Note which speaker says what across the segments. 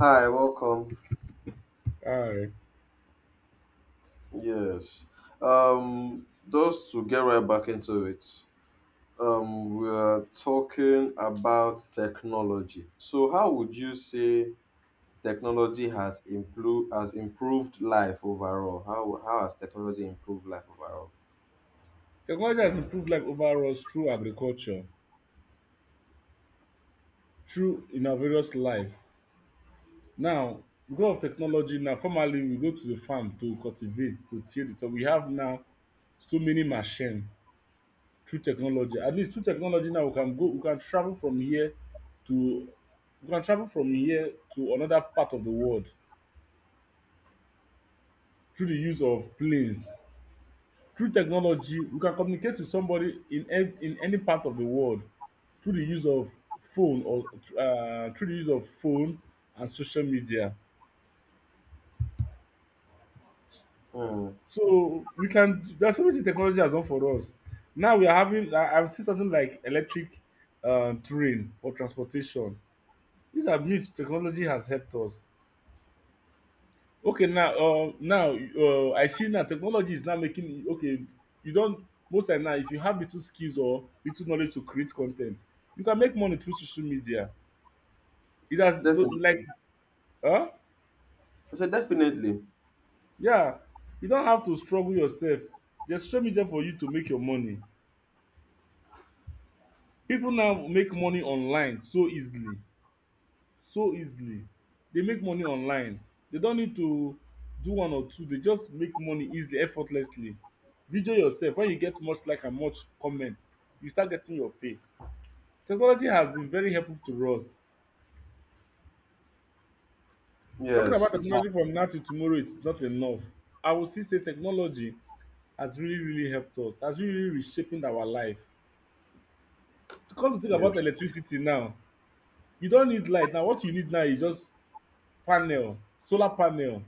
Speaker 1: Hi, welcome.
Speaker 2: Aye.
Speaker 1: Yes. Just to get right back into it, we are talking about technology. So, how would you say technology has improved life overall? How has technology improved life overall?
Speaker 2: Technology has improved life overall through agriculture, through in our various life. Now, because of technology now, formerly we go to the farm to cultivate, to till the soil. We have now so many machine through technology. At least through technology now we can go we can travel from here to we can travel from here to another part of the world through the use of planes. Through technology, we can communicate with somebody in any part of the world through the use of phone or through the use of phone and social media.
Speaker 1: Hmm.
Speaker 2: So we can. There's so much technology has done for us. Now we are having. I've seen something like electric train for transportation. These are means technology has helped us. Okay, now I see now technology is now making e okay, you don most time now if you have little skills or little knowledge to create con ten t, you can make money through social media. It has no like
Speaker 1: Definitely.
Speaker 2: um
Speaker 1: I said definitely.
Speaker 2: yeah, you don't have to struggle yourself. There's social media for you to make your money. Pipu now make money online so easily. So easily. Dey make money online. Dey don need to do one or two, dey just make money easily effortlessly. Video yourself wen you get much like and much comment, you start getting your pay. Technology has been very helpful to us. Talking about
Speaker 1: Yes, it has.
Speaker 2: technology from now till tomorrow is not enough. I will still say technology has really really helped us, has really really reshaping our life. To come to think about
Speaker 1: Yes.
Speaker 2: electricity now, you don need light now, what you need now is just panel, solar panel.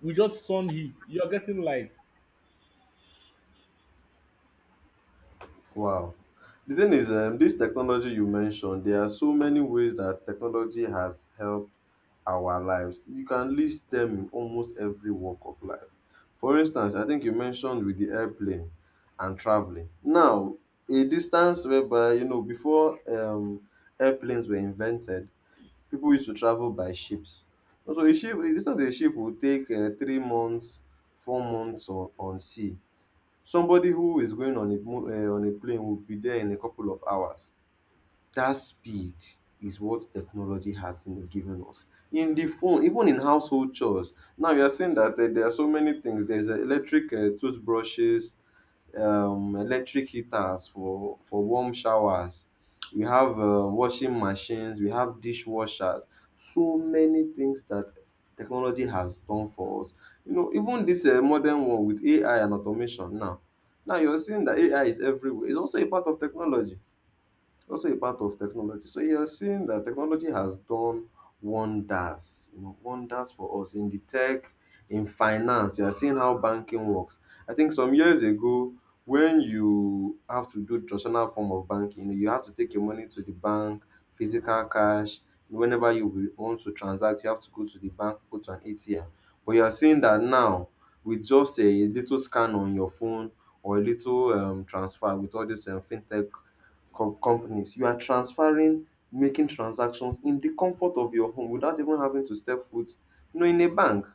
Speaker 2: With just sun heat, you are getting light.
Speaker 1: Wow. The thing is, this technology you mentioned, there are so many ways that technology has helped our lives. You can list them in almost every walk of life. For instance, I think you mentioned with the airplane and traveling. Now, a distance whereby, you know, before airplanes were invented, people used to travel by ships. So a ship, a distance a ship would take 3 months, 4 months on sea. Somebody who is going on a on a plane will be there in a couple of hours. That speed is what technology has, you know, given us. In the phone, even in household chores. Now you are saying that there are so many things. There's electric toothbrushes, electric heaters for warm showers. We have washing machines, we have dishwashers. So many things that technology has done for us. You know, even this modern one with AI and automation now. Now you're seeing that AI is everywhere. It's also a part of technology, So you're seeing that technology has done wonders, you know, wonders for us in the in finance. You are seeing how banking works. I think some years ago, when you have to do traditional form of banking, you have to take your money to the bank, physical cash. Whenever you will want to transact, you have to go to the bank, go to an ATM. But you are seeing that now with just a little scan on your phone or a little transfer with all these fintech companies. You are transferring, making transactions in the comfort of your home without even having to step foot, you know, in a bank.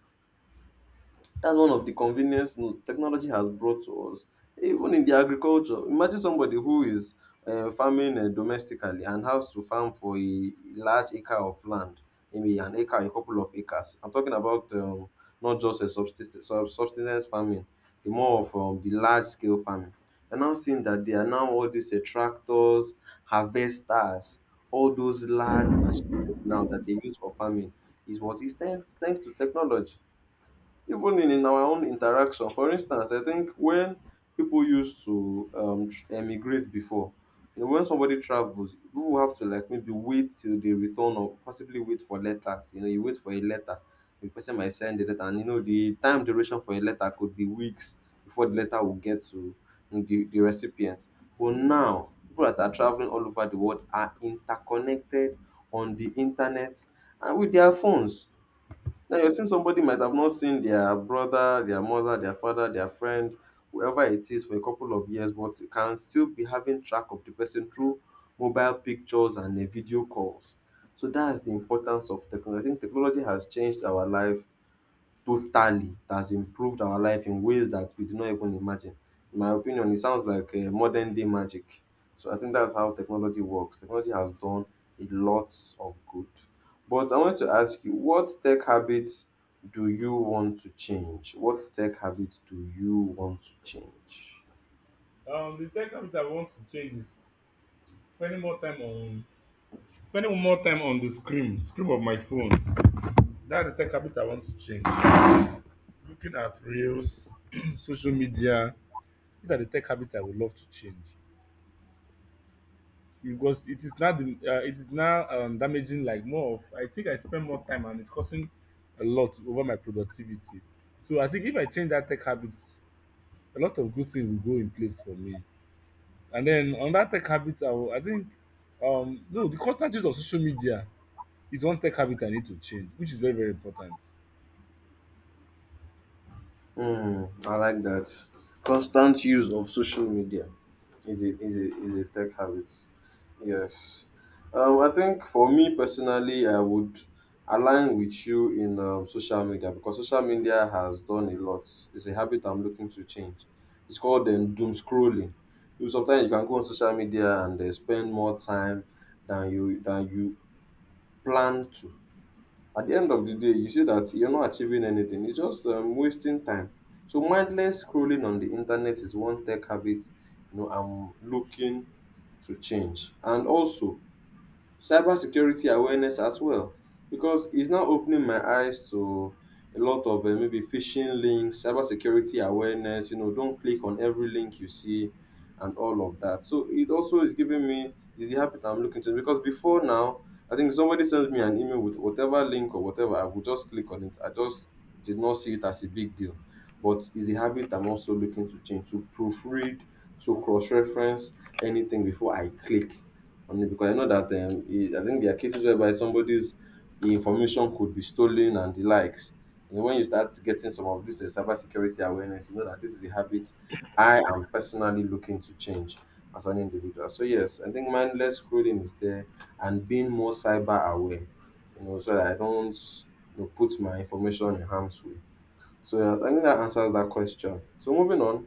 Speaker 1: That's one of the convenience technology has brought to us. Even in the agriculture, imagine somebody who is farming domestically and has to farm for a large acre of land, maybe an acre, a couple of acres. I'm talking about not just a subsistence, subsistence farming, the more of the large scale farming. You're now seeing that there are now all these tractors, harvesters, all those large machines now that they use for farming is what is thanks to technology. Even in our own interaction. For instance, I think when people used to emigrate before, you know, when somebody travels, people have to like maybe wait till they return or possibly wait for letters. You know, you wait for a letter, the person might send the letter, and you know, the time duration for a letter could be weeks before the letter will get to you know, the recipient. But now, people that are traveling all over the world are interconnected on the internet and with their phones. Now you're saying somebody might have not seen their brother, their mother, their father, their friend, whoever it is for a couple of years, but you can still be having track of the person through mobile pictures and video calls. So that's the importance of technology. I think technology has changed our life totally. It has improved our life in ways that we did not even imagine. In my opinion, it sounds like modern day magic. So I think that's how technology works. Technology has done a lot of good. But I want to ask you, what tech habits do you want to change? What tech habits do you want to change?
Speaker 2: The tech habit I want to change is spending more time on spending more time on the screen, screen of my phone. That's the tech habit I want to change. Looking at reels, social media. These are the tech habits I would love to change because it is now the, it is now damaging like more of. I think I spend more time and it's costing a lot over my productivity. So I think if I change that tech habit, a lot of good things will go in place for me. And then on that tech habit, I think no, the constant use of social media, its own tech habitat need to change, which is very very important.
Speaker 1: Mm, I like that. Constant use of social media is a is a is a tech habit. Yes. I think for me personally, I would align with you in social media because social media has done a lot. It's a habit I'm looking to change. It's called doom scrolling. You sometimes you can go on social media and spend more time than you plan to. At the end of the day, you see that you're not achieving anything. It's just wasting time. So mindless scrolling on the internet is one tech habit, you know, I'm looking to change. And also cybersecurity awareness as well, because it's now opening my eyes to a lot of maybe phishing links, cybersecurity awareness. You know, don't click on every link you see, and all of that. So it also is giving me is the habit I'm looking to, because before now I think somebody sends me an email with whatever link or whatever, I will just click on it. I just did not see it as a big deal. But it's a habit I'm also looking to change, to proofread, to cross reference anything before I click on it, because I know that I think there are cases whereby somebody's information could be stolen and the likes. You know, when you start getting some of this cyber security awareness, you know that this is a habit I am personally looking to change as an individual. So yes, I think mindless scrolling is there, and being more cyber aware, you know, so that I don't, you know, put my information in harm's way. So yeah, I think that answers that question. So moving on,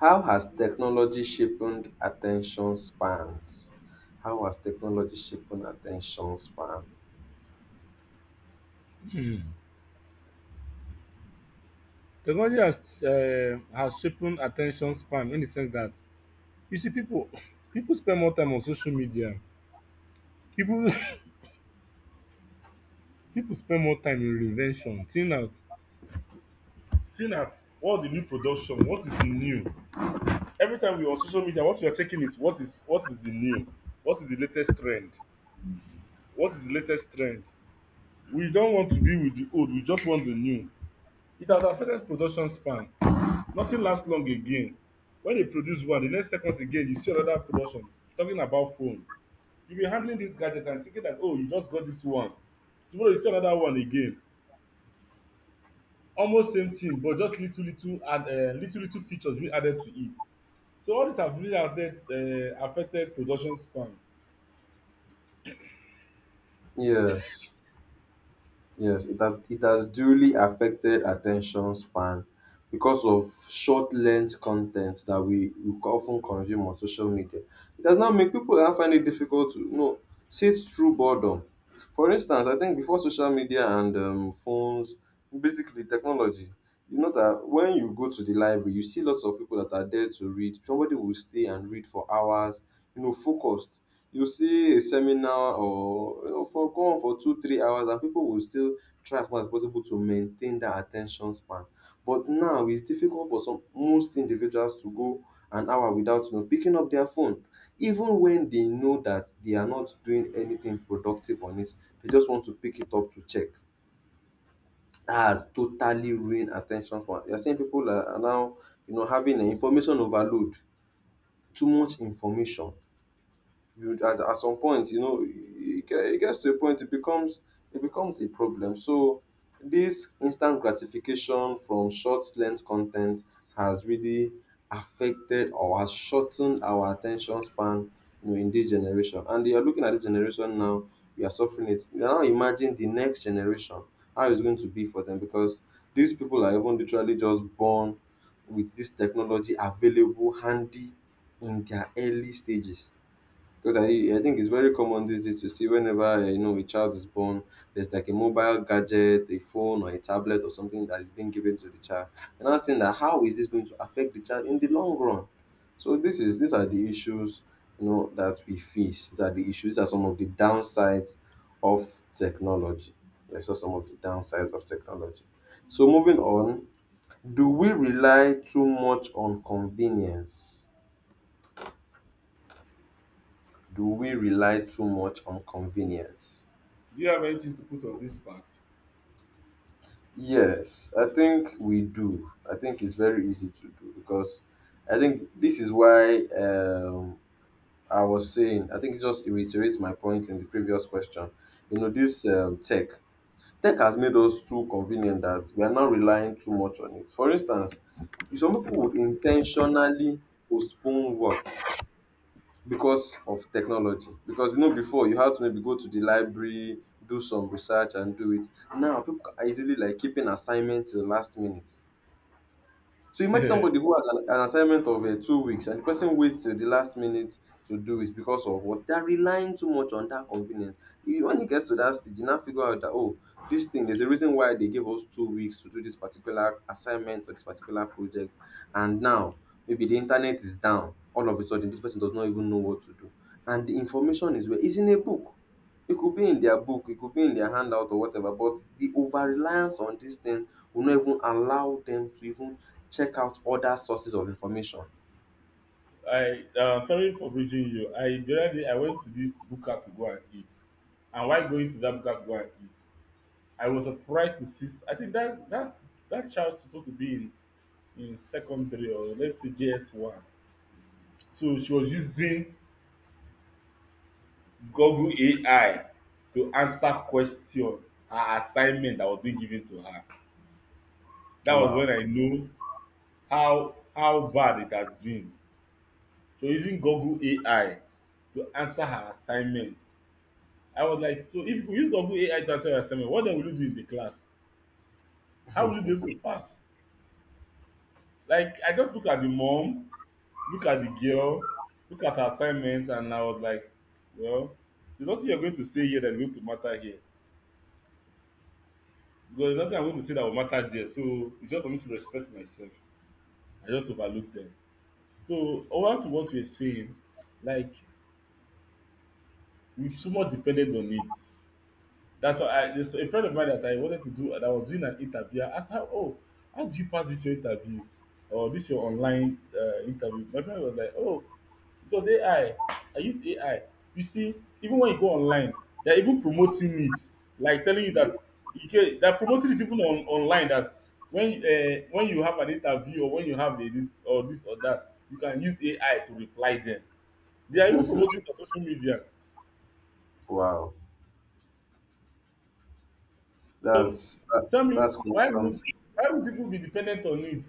Speaker 1: how has technology shaped attention spans? How has technology shaped attention span?
Speaker 2: Technology has shaping at ten tion span in the sense that you see pipu, pipu spend more time on social media, pipu pipu spend more time in reinvention, seeing at what the new production, what is the new. Every time you are on social media what you are checking is what is the new, what is the latest trend, what is the latest trend. We don want to be with the old, we just want the new. It has affected production span. Nothing last long again. When you produce one, the next seconds again, you see another production talking about phone. You be handling this gadget and thinking that, oh, you just got this one. Tomorrow you see another one again. Almost same thing, but just little, little, add, little, little features being added to it. So all this have really affected, affected production span.
Speaker 1: Yes. It has duly affected attention span because of short length content that we often consume on social media. It does now make people now find it difficult to, you know, sit through boredom. For instance, I think before social media and phones, basically technology, you know that when you go to the library, you see lots of people that are there to read. Somebody will stay and read for hours, you know, focused. You see a seminar or, you know, for go on for two or three hours and people will still try as much as possible to maintain that at ten tion span. But now it's difficult for some most individuals to go an hour without, you know, picking up their phone, even when they know that they are not doing anything productive on it. They just want to pick it up to check. That has totally ruined at ten tion span. You're saying people are now, you know, having an information overload, too much information. At some point, you know it gets to a point it becomes, it becomes a problem. So this instant gratification from short length content has really affected or has shortened our attention span, you know, in this generation. And you're looking at this generation now, we are suffering it. You now imagine the next generation, how it's going to be for them, because these people are even literally just born with this technology available handy in their early stages. Because I think it's very common these days to see whenever, you know, a child is born, there's like a mobile gadget, a phone or a tablet or something that is being given to the child. And I'm saying that how is this going to affect the child in the long run? So this is these are the issues, you know, that we face. These are the issues. These are some of the downsides of technology. Yes, those are some of the downsides of technology. So moving on, do we rely too much on convenience? Do we rely too much on convenience?
Speaker 2: Do you have anything to put on this part?
Speaker 1: Yes, I think we do. I think it's very easy to do, because I think this is why, I was saying, I think it just reiterates my point in the previous question. You know, this tech has made us too convenient that we are not relying too much on it. For instance, some people would intentionally postpone work because of technology. Because you know before you had to maybe go to the library, do some research and do it. Now people are easily like keeping assignments to the last minute. So imagine somebody who has an assignment of 2 weeks and the person waits till the last minute to do it because of what they're relying too much on that convenience. If, when it gets to that stage, you now figure out that oh, this thing there's a reason why they gave us 2 weeks to do this particular assignment or this particular project, and now maybe the internet is down. All of a sudden, this person does not even know what to do, and the information is where is in a book. It could be in their book, it could be in their handout or whatever, but the over reliance on this thing will not even allow them to even check out other sources of information.
Speaker 2: I sorry for breaching you. I The other day I went to this buka to go and eat, and while going to that buka to go and eat, I was surprised to see. I think that that child supposed to be in secondary, or let's say JS one. So she was using Google AI to answer question, her assignment that was being given to her. That was when
Speaker 1: Wow.
Speaker 2: I know how bad it has been. So using Google AI to answer her assignment. I was like, so if you use Google AI to answer your assignment, what then will you do in the class? How will you be able to pass? Like I just look at the mom, look at the girl, look at her assignment and I was like, well, there's nothing you're going to say here that is going to matter here because there's nothing I'm going to say that will matter there, so it's just for me to respect myself. I just overlook them. So over to what you were saying, like, we so much depended on it. That's why I there's a friend of mine that I wanted to do, that I was doing an interview. I ask her, oh, how did you pass this your interview or this your online interview? My friend was like, oh, because AI, I use AI. You see, even when you go online, they're even promoting it. Like telling you that you get they're promoting it even on online, that when you have an interview or when you have a this or this or that, you can use AI to reply them. They are even promoting it on social media.
Speaker 1: Wow. That's
Speaker 2: Tell me,
Speaker 1: that's quite something.
Speaker 2: why would people be dependent on it?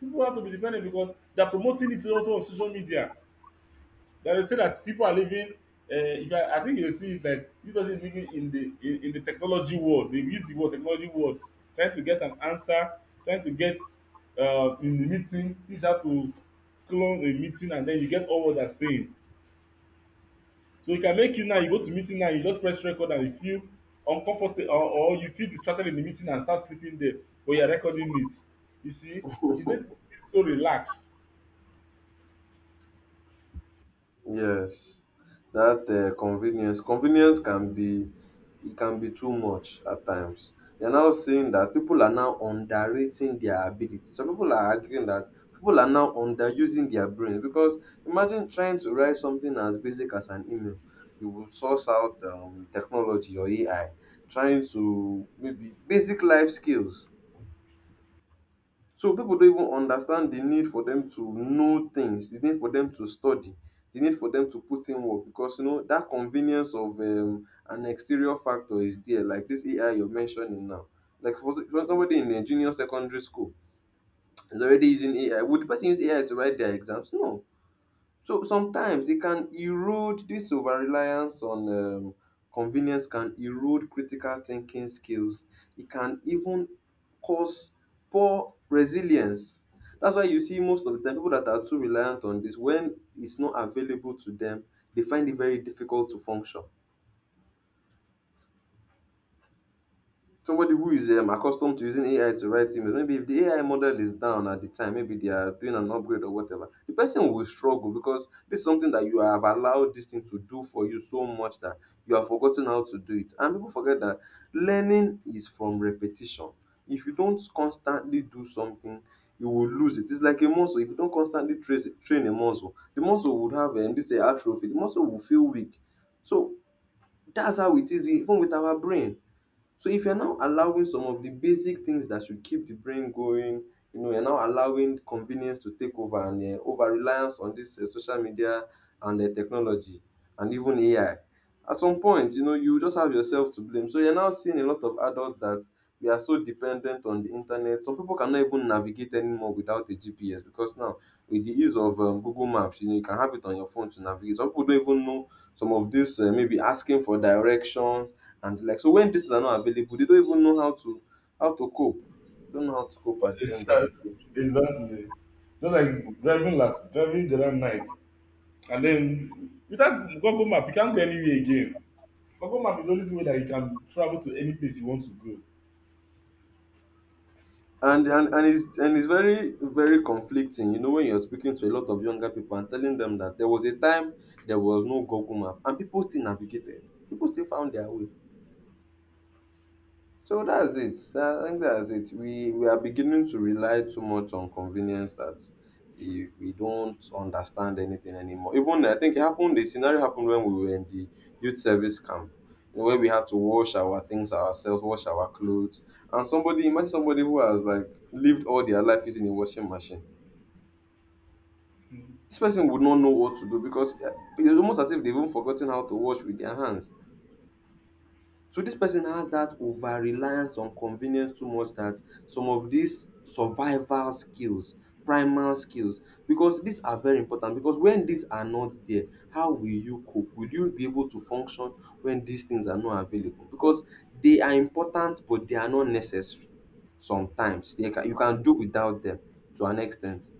Speaker 2: People have to be dependent because they're promoting it also on social media. They will say that people are living. Uh, if I, I think you will see it like, this person is living in the in the technology world. They use the word technology world, trying to get an answer, trying to get in the meeting. This is how to clone a meeting, and then you get all what they're saying. So it can make you now. You go to meeting now. You just press record, and you feel uncomfortable, or you feel distracted in the meeting and start sleeping there, but you're recording it. You see, it make you feel so relaxed.
Speaker 1: Yes. That convenience can be it can be too much at times. You're now saying that people are now underrating their ability. Some people are arguing that people are now underusing their brains because imagine trying to write something as basic as an email. You will source out technology or AI, trying to maybe basic life skills. So people don't even understand the need for them to know things, the need for them to study, the need for them to put in work because you know that convenience of an exterior factor is there, like this AI you're mentioning now. Like for, s- for somebody in a junior secondary school is already using AI. Would the person use AI to write their exams? No. So sometimes it can erode this over reliance on convenience can erode critical thinking skills. It can even cause poor resilience. That's why you see most of the time people that are too reliant on this, when it's not available to them, they find it very difficult to function. Somebody who is accustomed to using AI to write emails, maybe if the AI model is down at the time, maybe they are doing an upgrade or whatever, the person will struggle because this is something that you have allowed this thing to do for you so much that you have forgotten how to do it. And people forget that learning is from repetition. If you don't constantly do something, you will lose it. It's like a muscle. If you don't constantly train a muscle, the muscle would have this atrophy. The muscle will feel weak. So that's how it is even with our brain, so if you're now allowing some of the basic things that should keep the brain going, you know, you're now allowing convenience to take over and over reliance on this social media and technology and even AI. At some point, you know, you just have yourself to blame. So you're now seeing a lot of adults that we are so dependent on the internet. Some people cannot even navigate anymore without a GPS because now with the ease of Google Maps, you know, you can have it on your phone to navigate. Some people don't even know some of this maybe asking for direction and the like. So when pieces are not available, they don't even know how to cope. Don't know how to cope at the end of the
Speaker 2: Exactly.
Speaker 1: day.
Speaker 2: Exactly. Just like driving, last driving the other night and then without Google map you can't go anywhere again. Google map is the only way that you can travel to any place you want to go.
Speaker 1: And it's and it's very very conflicting. You know when you're speaking to a lot of younger people and telling them that there was a time there was no Google map and people still navigated. People still found their way. So that's it. I think that's it. We are beginning to rely too much on convenience that eh, we don't understand anything anymore. Even I think it happened. The scenario happened when we were in the youth service camp, you know, where we had to wash our things ourselves, wash our clothes, and somebody imagine somebody who has like lived all their life using a washing machine. This person would not know what to do because eh, it's almost as if they've even forgotten how to wash with their hands. So this person has that over reliance on convenience too much that some of these survival skills, primal skills, because these are very important because when these are not there how will you cope? Will you be able to function when these things are not available because they are important but they are not necessary sometimes. They can you can do without them to an extent.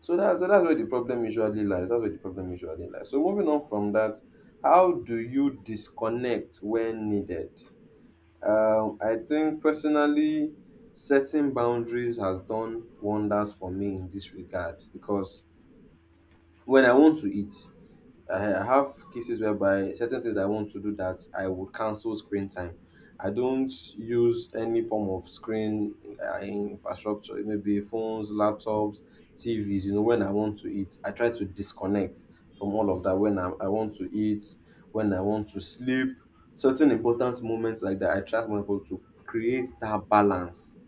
Speaker 1: So that's where the problem usually lies. That's where the problem usually lies. So moving on from that, how do you disconnect when needed? I think personally, setting boundaries has done wonders for me in this regard because when I want to eat, I have cases whereby certain things I want to do that I would cancel screen time. I don't use any form of screen infrastructure, it may be phones, laptops, TVs. You know, when I want to eat, I try to disconnect from all of that. I want to eat, when I want to sleep, certain important moments like that, I try to be able to create that balance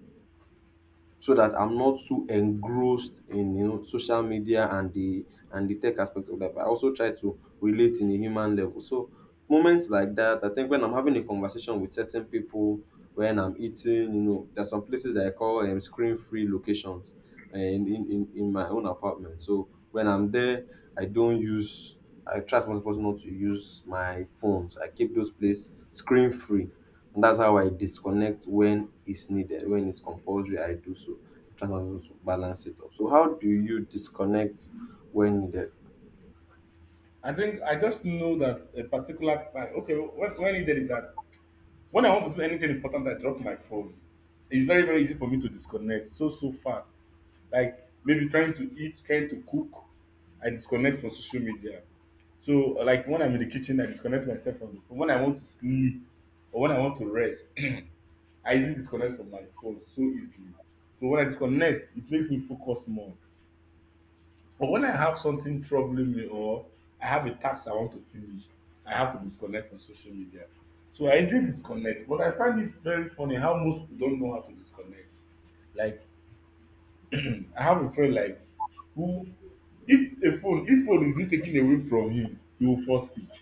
Speaker 1: so that I'm not too engrossed in you know social media and the tech aspect of that. But I also try to relate in a human level. So moments like that, I think when I'm having a conversation with certain people, when I'm eating, you know, there's some places that I call screen-free locations in my own apartment. So when I'm there, I don't use. I try as much as possible not to use my phones. I keep those places screen-free and that's how I disconnect when it's needed, when it's compulsory, I do so. I try also to balance it up. So how do you disconnect when needed?
Speaker 2: I think I just know that a particular time. Okay, when he did it that, when I want to do anything important, I drop my phone. It's very easy for me to disconnect so, so fast. Like maybe trying to eat, trying to cook, I disconnect from social media. So, like when I'm in the kitchen, I disconnect myself from the phone. When I want to sleep or when I want to rest, I easily disconnect from my phone so easily. So, when I disconnect, it makes me focus more. But when I have something troubling me or I have a task I want to finish, I have to disconnect from social media. So I easily disconnect. But I find it very funny how most people don't know how to disconnect. Like I have a friend like who, if a phone, if phone is being taken away from him, he will fall sick.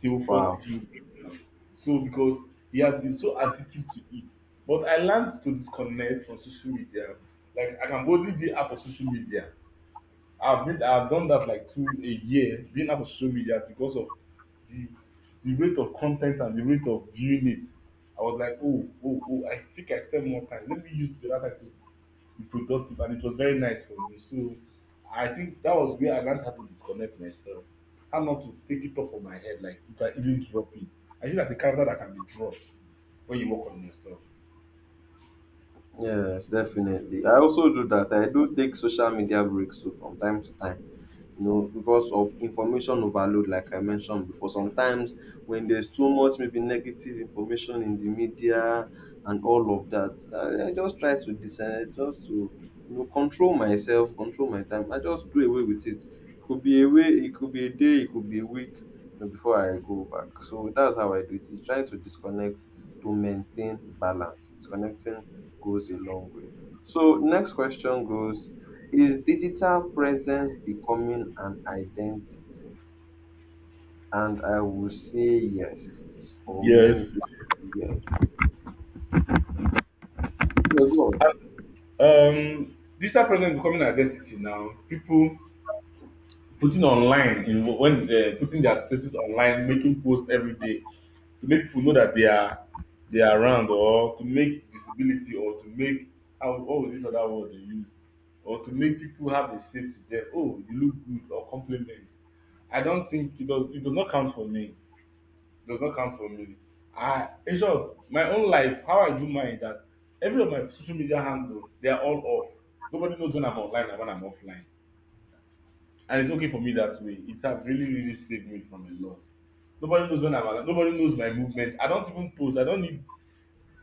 Speaker 2: He will fall sick.
Speaker 1: Wow.
Speaker 2: He will break down. So because he has been so addicted to it. But I learned to disconnect from social media. Like I can boldly be out of social media. I've done that like two a year being out of social media because of the the rate of content and the rate of viewing it. I was like, oh, oh, oh, I think I spend more time. Let me use the other time to be productive, and it was very nice for me. So I think that was where I learned how to disconnect myself, how not to take it off of my head, like you can even drop it. I think that's a character that can be dropped when you work on yourself.
Speaker 1: Yes, definitely. I also do that. I do take social media breaks so from time to time. You know, because of information overload, like I mentioned before. Sometimes when there's too much, maybe negative information in the media and all of that, I just try to decide, just to you know, control myself, control my time. I just do away with it. Could be a way, it could be a day, it could be a week, you know, before I go back. So that's how I do it. You try to disconnect to maintain balance. Disconnecting goes a long way. So next question goes is digital presence becoming an identity? And I will say yes for many
Speaker 2: Yes.
Speaker 1: people. Yes.
Speaker 2: Digital presence is becoming an identity now. People putting online in when putting their statuses online, making posts every day to make people know that they are around, or to make visibility, or to make, how, what was this other word they use, or to make people have a say to them, oh you look good, or compliment. I don't think it does, it does not count for me. It does not count for me. I In short, my own life, how I do mine is that every of my social media handle they are all off. Nobody knows when I'm online and when I'm offline, and it's okay for me that way. It has really, really saved me from a lot. Nobody knows when I'm alive. Nobody knows my movement. I don't even post. I don't need.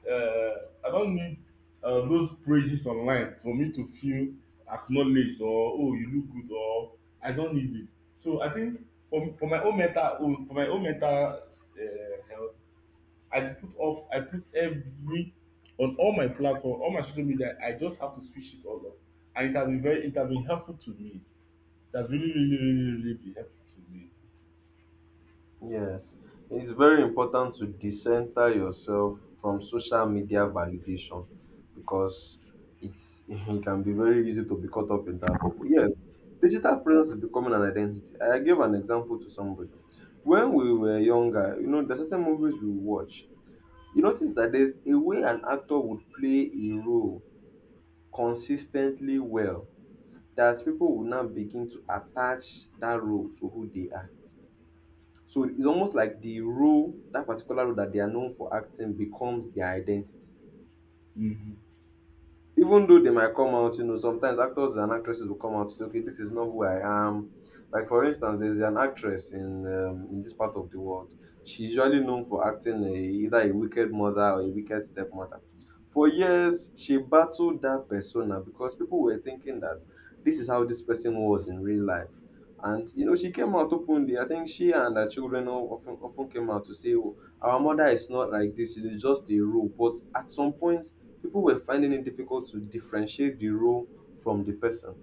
Speaker 2: Uh, I don't need those praises online for me to feel acknowledged, or oh you look good, or I don't need it. So I think for my own mental, own for my own mental health, I put off. I put every on all my platform, all my social media. I just have to switch it all off, and it has been very. It has been helpful to me. That's really, really, really, really been helpful to me.
Speaker 1: Yes. It's very important to decenter yourself from social media validation because it's it can be very easy to be caught up in that bubble. Yes. Digital presence is becoming an identity. I gave an example to somebody. When we were younger, you know, there's certain movies we watch. You notice that there's a way an actor would play a role consistently well that people will now begin to attach that role to who they are. So it's almost like the role, that particular role that they are known for acting becomes their identity.
Speaker 2: Mm-hmm.
Speaker 1: Even though they might come out, you know, sometimes actors and actresses will come out to say, okay, this is not who I am. Like for instance, there's an actress in this part of the world. She's usually known for acting a, either a wicked mother or a wicked stepmother. For years, she battled that persona because people were thinking that this is how this person was in real life. And you know, she came out openly. I think she and her children o- often came out to say, oh, our mother is not like this. It is just a role. But at some point, people were finding it difficult to differentiate the role from the person.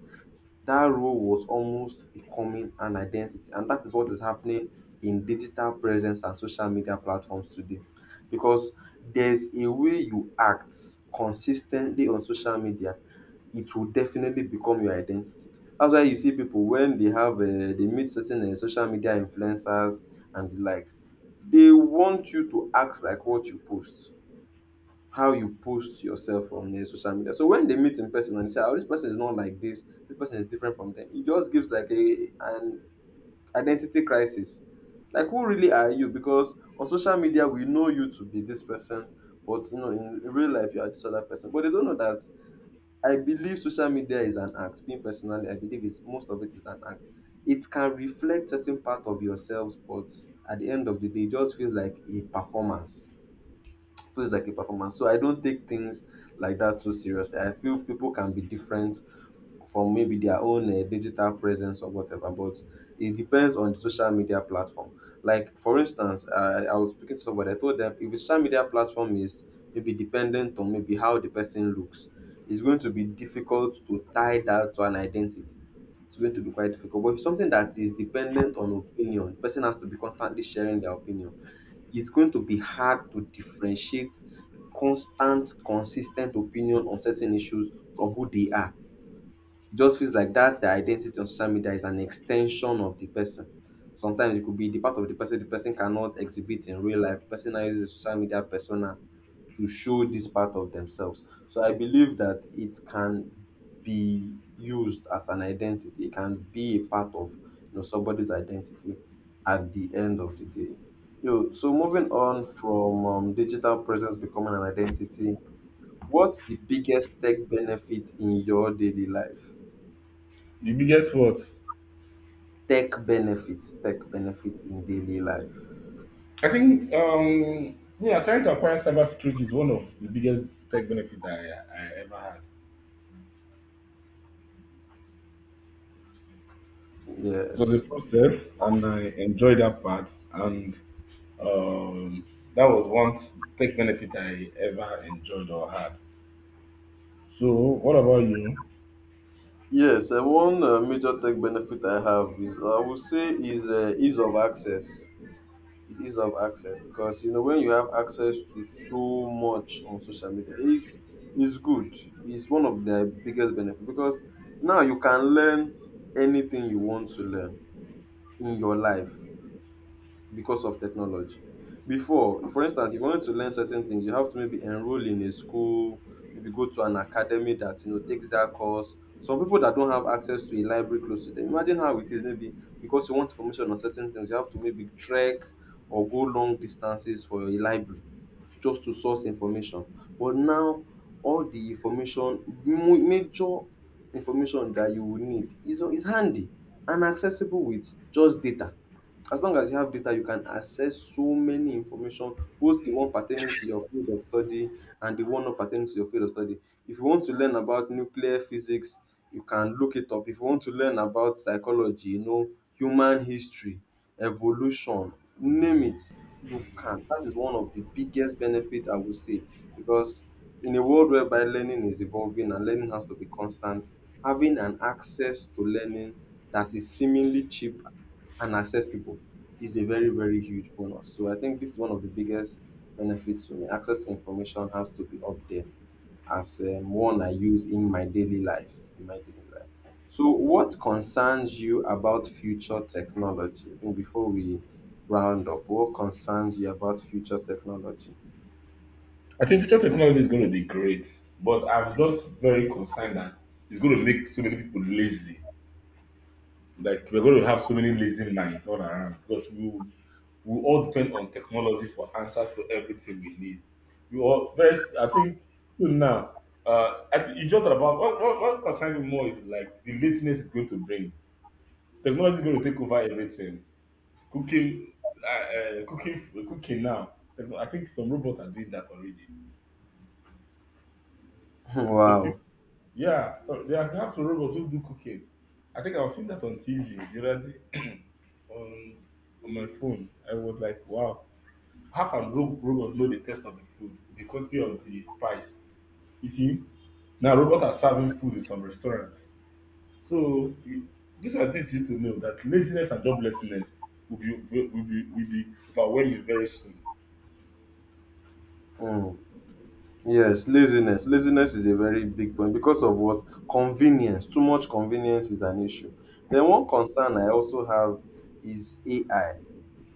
Speaker 1: That role was almost becoming an identity. And that is what is happening in digital presence and social media platforms today. Because there's a way you act consistently on social media, it will definitely become your identity. That's why you see people when they have they meet certain social media influencers and the likes, they want you to act like what you post, how you post yourself on the social media. So when they meet in person and say, "Oh, this person is not like this. This person is different from them," it just gives like a an identity crisis. Like, who really are you? Because on social media we know you to be this person, but you know in real life you are this other person. But they don't know that. I believe social media is an act. Being personally, I believe it's most of it is an act. It can reflect certain part of yourselves, but at the end of the day, it just feels like a performance, feels like a performance. So I don't take things like that too seriously. I feel people can be different from maybe their own digital presence or whatever, but it depends on the social media platform. Like for instance, I was speaking to somebody. I told them if the social media platform is maybe dependent on maybe how the person looks, it's going to be difficult to tie that to an identity, it's going to be quite difficult. But if something that is dependent on opinion, the person has to be constantly sharing their opinion. It's going to be hard to differentiate constant consis ten t opinion on certain issues from who they are. It just feels like that's their identity on social media is an extension of the person. Sometimes it could be the part of the person cannot exhibit in real life. The person now uses a social media persona to show this part of themselves. So I believe that it can be used as an identity. It can be a part of somebody's identity at the end of the day. Yo, so moving on from digital presence becoming an identity, what's the biggest tech benefit in your daily life?
Speaker 2: The biggest what?
Speaker 1: Tech benefits in daily life.
Speaker 2: I think yeah, trying to acquire cybersecurity is one of the biggest tech benefits that I ever had. It was a
Speaker 1: Yes.
Speaker 2: process and I enjoyed that part and um that was one tech benefit I ever enjoyed or had. So what about you?
Speaker 1: Yes, and one major tech benefit I have is I would say is ease of access. Is ease of access because when you have access to so much on social media, it's good. It's one of the biggest benefits because now you can learn anything you want to learn in your life, because of technology. Before, for instance, if you wanted to learn certain things, you have to maybe enroll in a school, maybe go to an academy that takes that course. Some people that don't have access to a library close to them, imagine how it is. Maybe because you want information on certain things, you have to maybe trek or go long distances for a library just to source information. But now, all the information, major information that you will need is handy and accessible with just data. As long as you have data, you can access so many information, both the one pertaining to your field of study and the one not pertaining to your field of study. If you want to learn about nuclear physics, you can look it up. If you want to learn about psychology, human history, evolution, name it, you can. That is one of the biggest benefits I would say because in a world whereby learning is evolving and learning has to be constant, having an access to learning that is seemingly cheap and accessible is a very, very huge bonus. So I think this is one of the biggest benefits to me. Access to information has to be up there as one I use in my daily life. In my daily life. So what concerns you about future technology? I think before we round up, what concerns you about future technology?
Speaker 2: I think future technology is going to be great, but I'm just very concerned that it's going to make so many people lazy. Like we're going to have so many lazy minds all around because we all depend on technology for answers to everything we need. We all very I think soon now. I think it's just about what concerns me more is like the laziness is going to bring. Technology is going to take over everything. Cooking, cooking now. Techno- I think some robots are doing that already. So
Speaker 1: Wow.
Speaker 2: people, yeah, so they have some robots who do cooking. I think I was seeing that on TV. Do you Gerald, on on my phone, I was like, wow, how can ro- robot know the taste of the food, the quality of the spice? You see, now robots are serving food in some restaurants. So you, these are things you need to know that laziness and joblessness will be will be overwhelming very soon.
Speaker 1: Mm. Yes, laziness. Laziness is a very big point because of what convenience. Too much convenience is an issue. Then one concern I also have is AI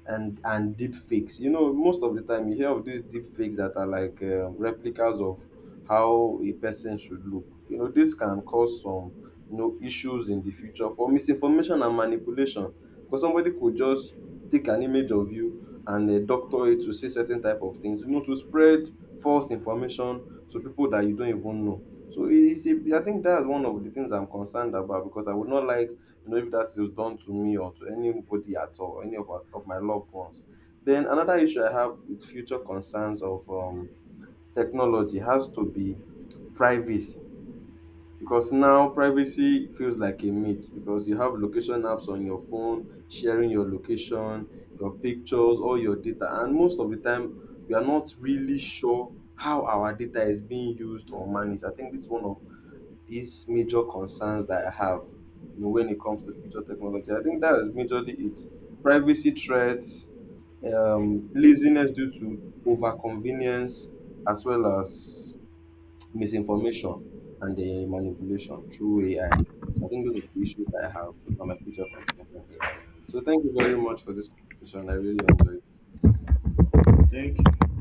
Speaker 1: and deep fakes. You know, most of the time you hear of these deep fakes that are like replicas of how a person should look. You know, this can cause some issues in the future for misinformation and manipulation because somebody could just take an image of you and doctor it to say certain type of things. You know, to spread false information to people that you don't even know. So it is. I think that's one of the things I'm concerned about because I would not like, you know, if that is done to me or to anybody at all, or any of, our, of my loved ones. Then another issue I have with future concerns of technology has to be privacy, because now privacy feels like a myth because you have location apps on your phone sharing your location, your pictures, all your data, and most of the time we are not really sure how our data is being used or managed. I think this is one of these major concerns that I have, you know, when it comes to future technology. I think that is majorly it. Privacy threats, laziness due to overconvenience, as well as misinformation and the manipulation through AI. So I think those are the issues that I have on my future concerns on AI. So thank you very much for this conversation. I really enjoyed it.
Speaker 2: Thank you.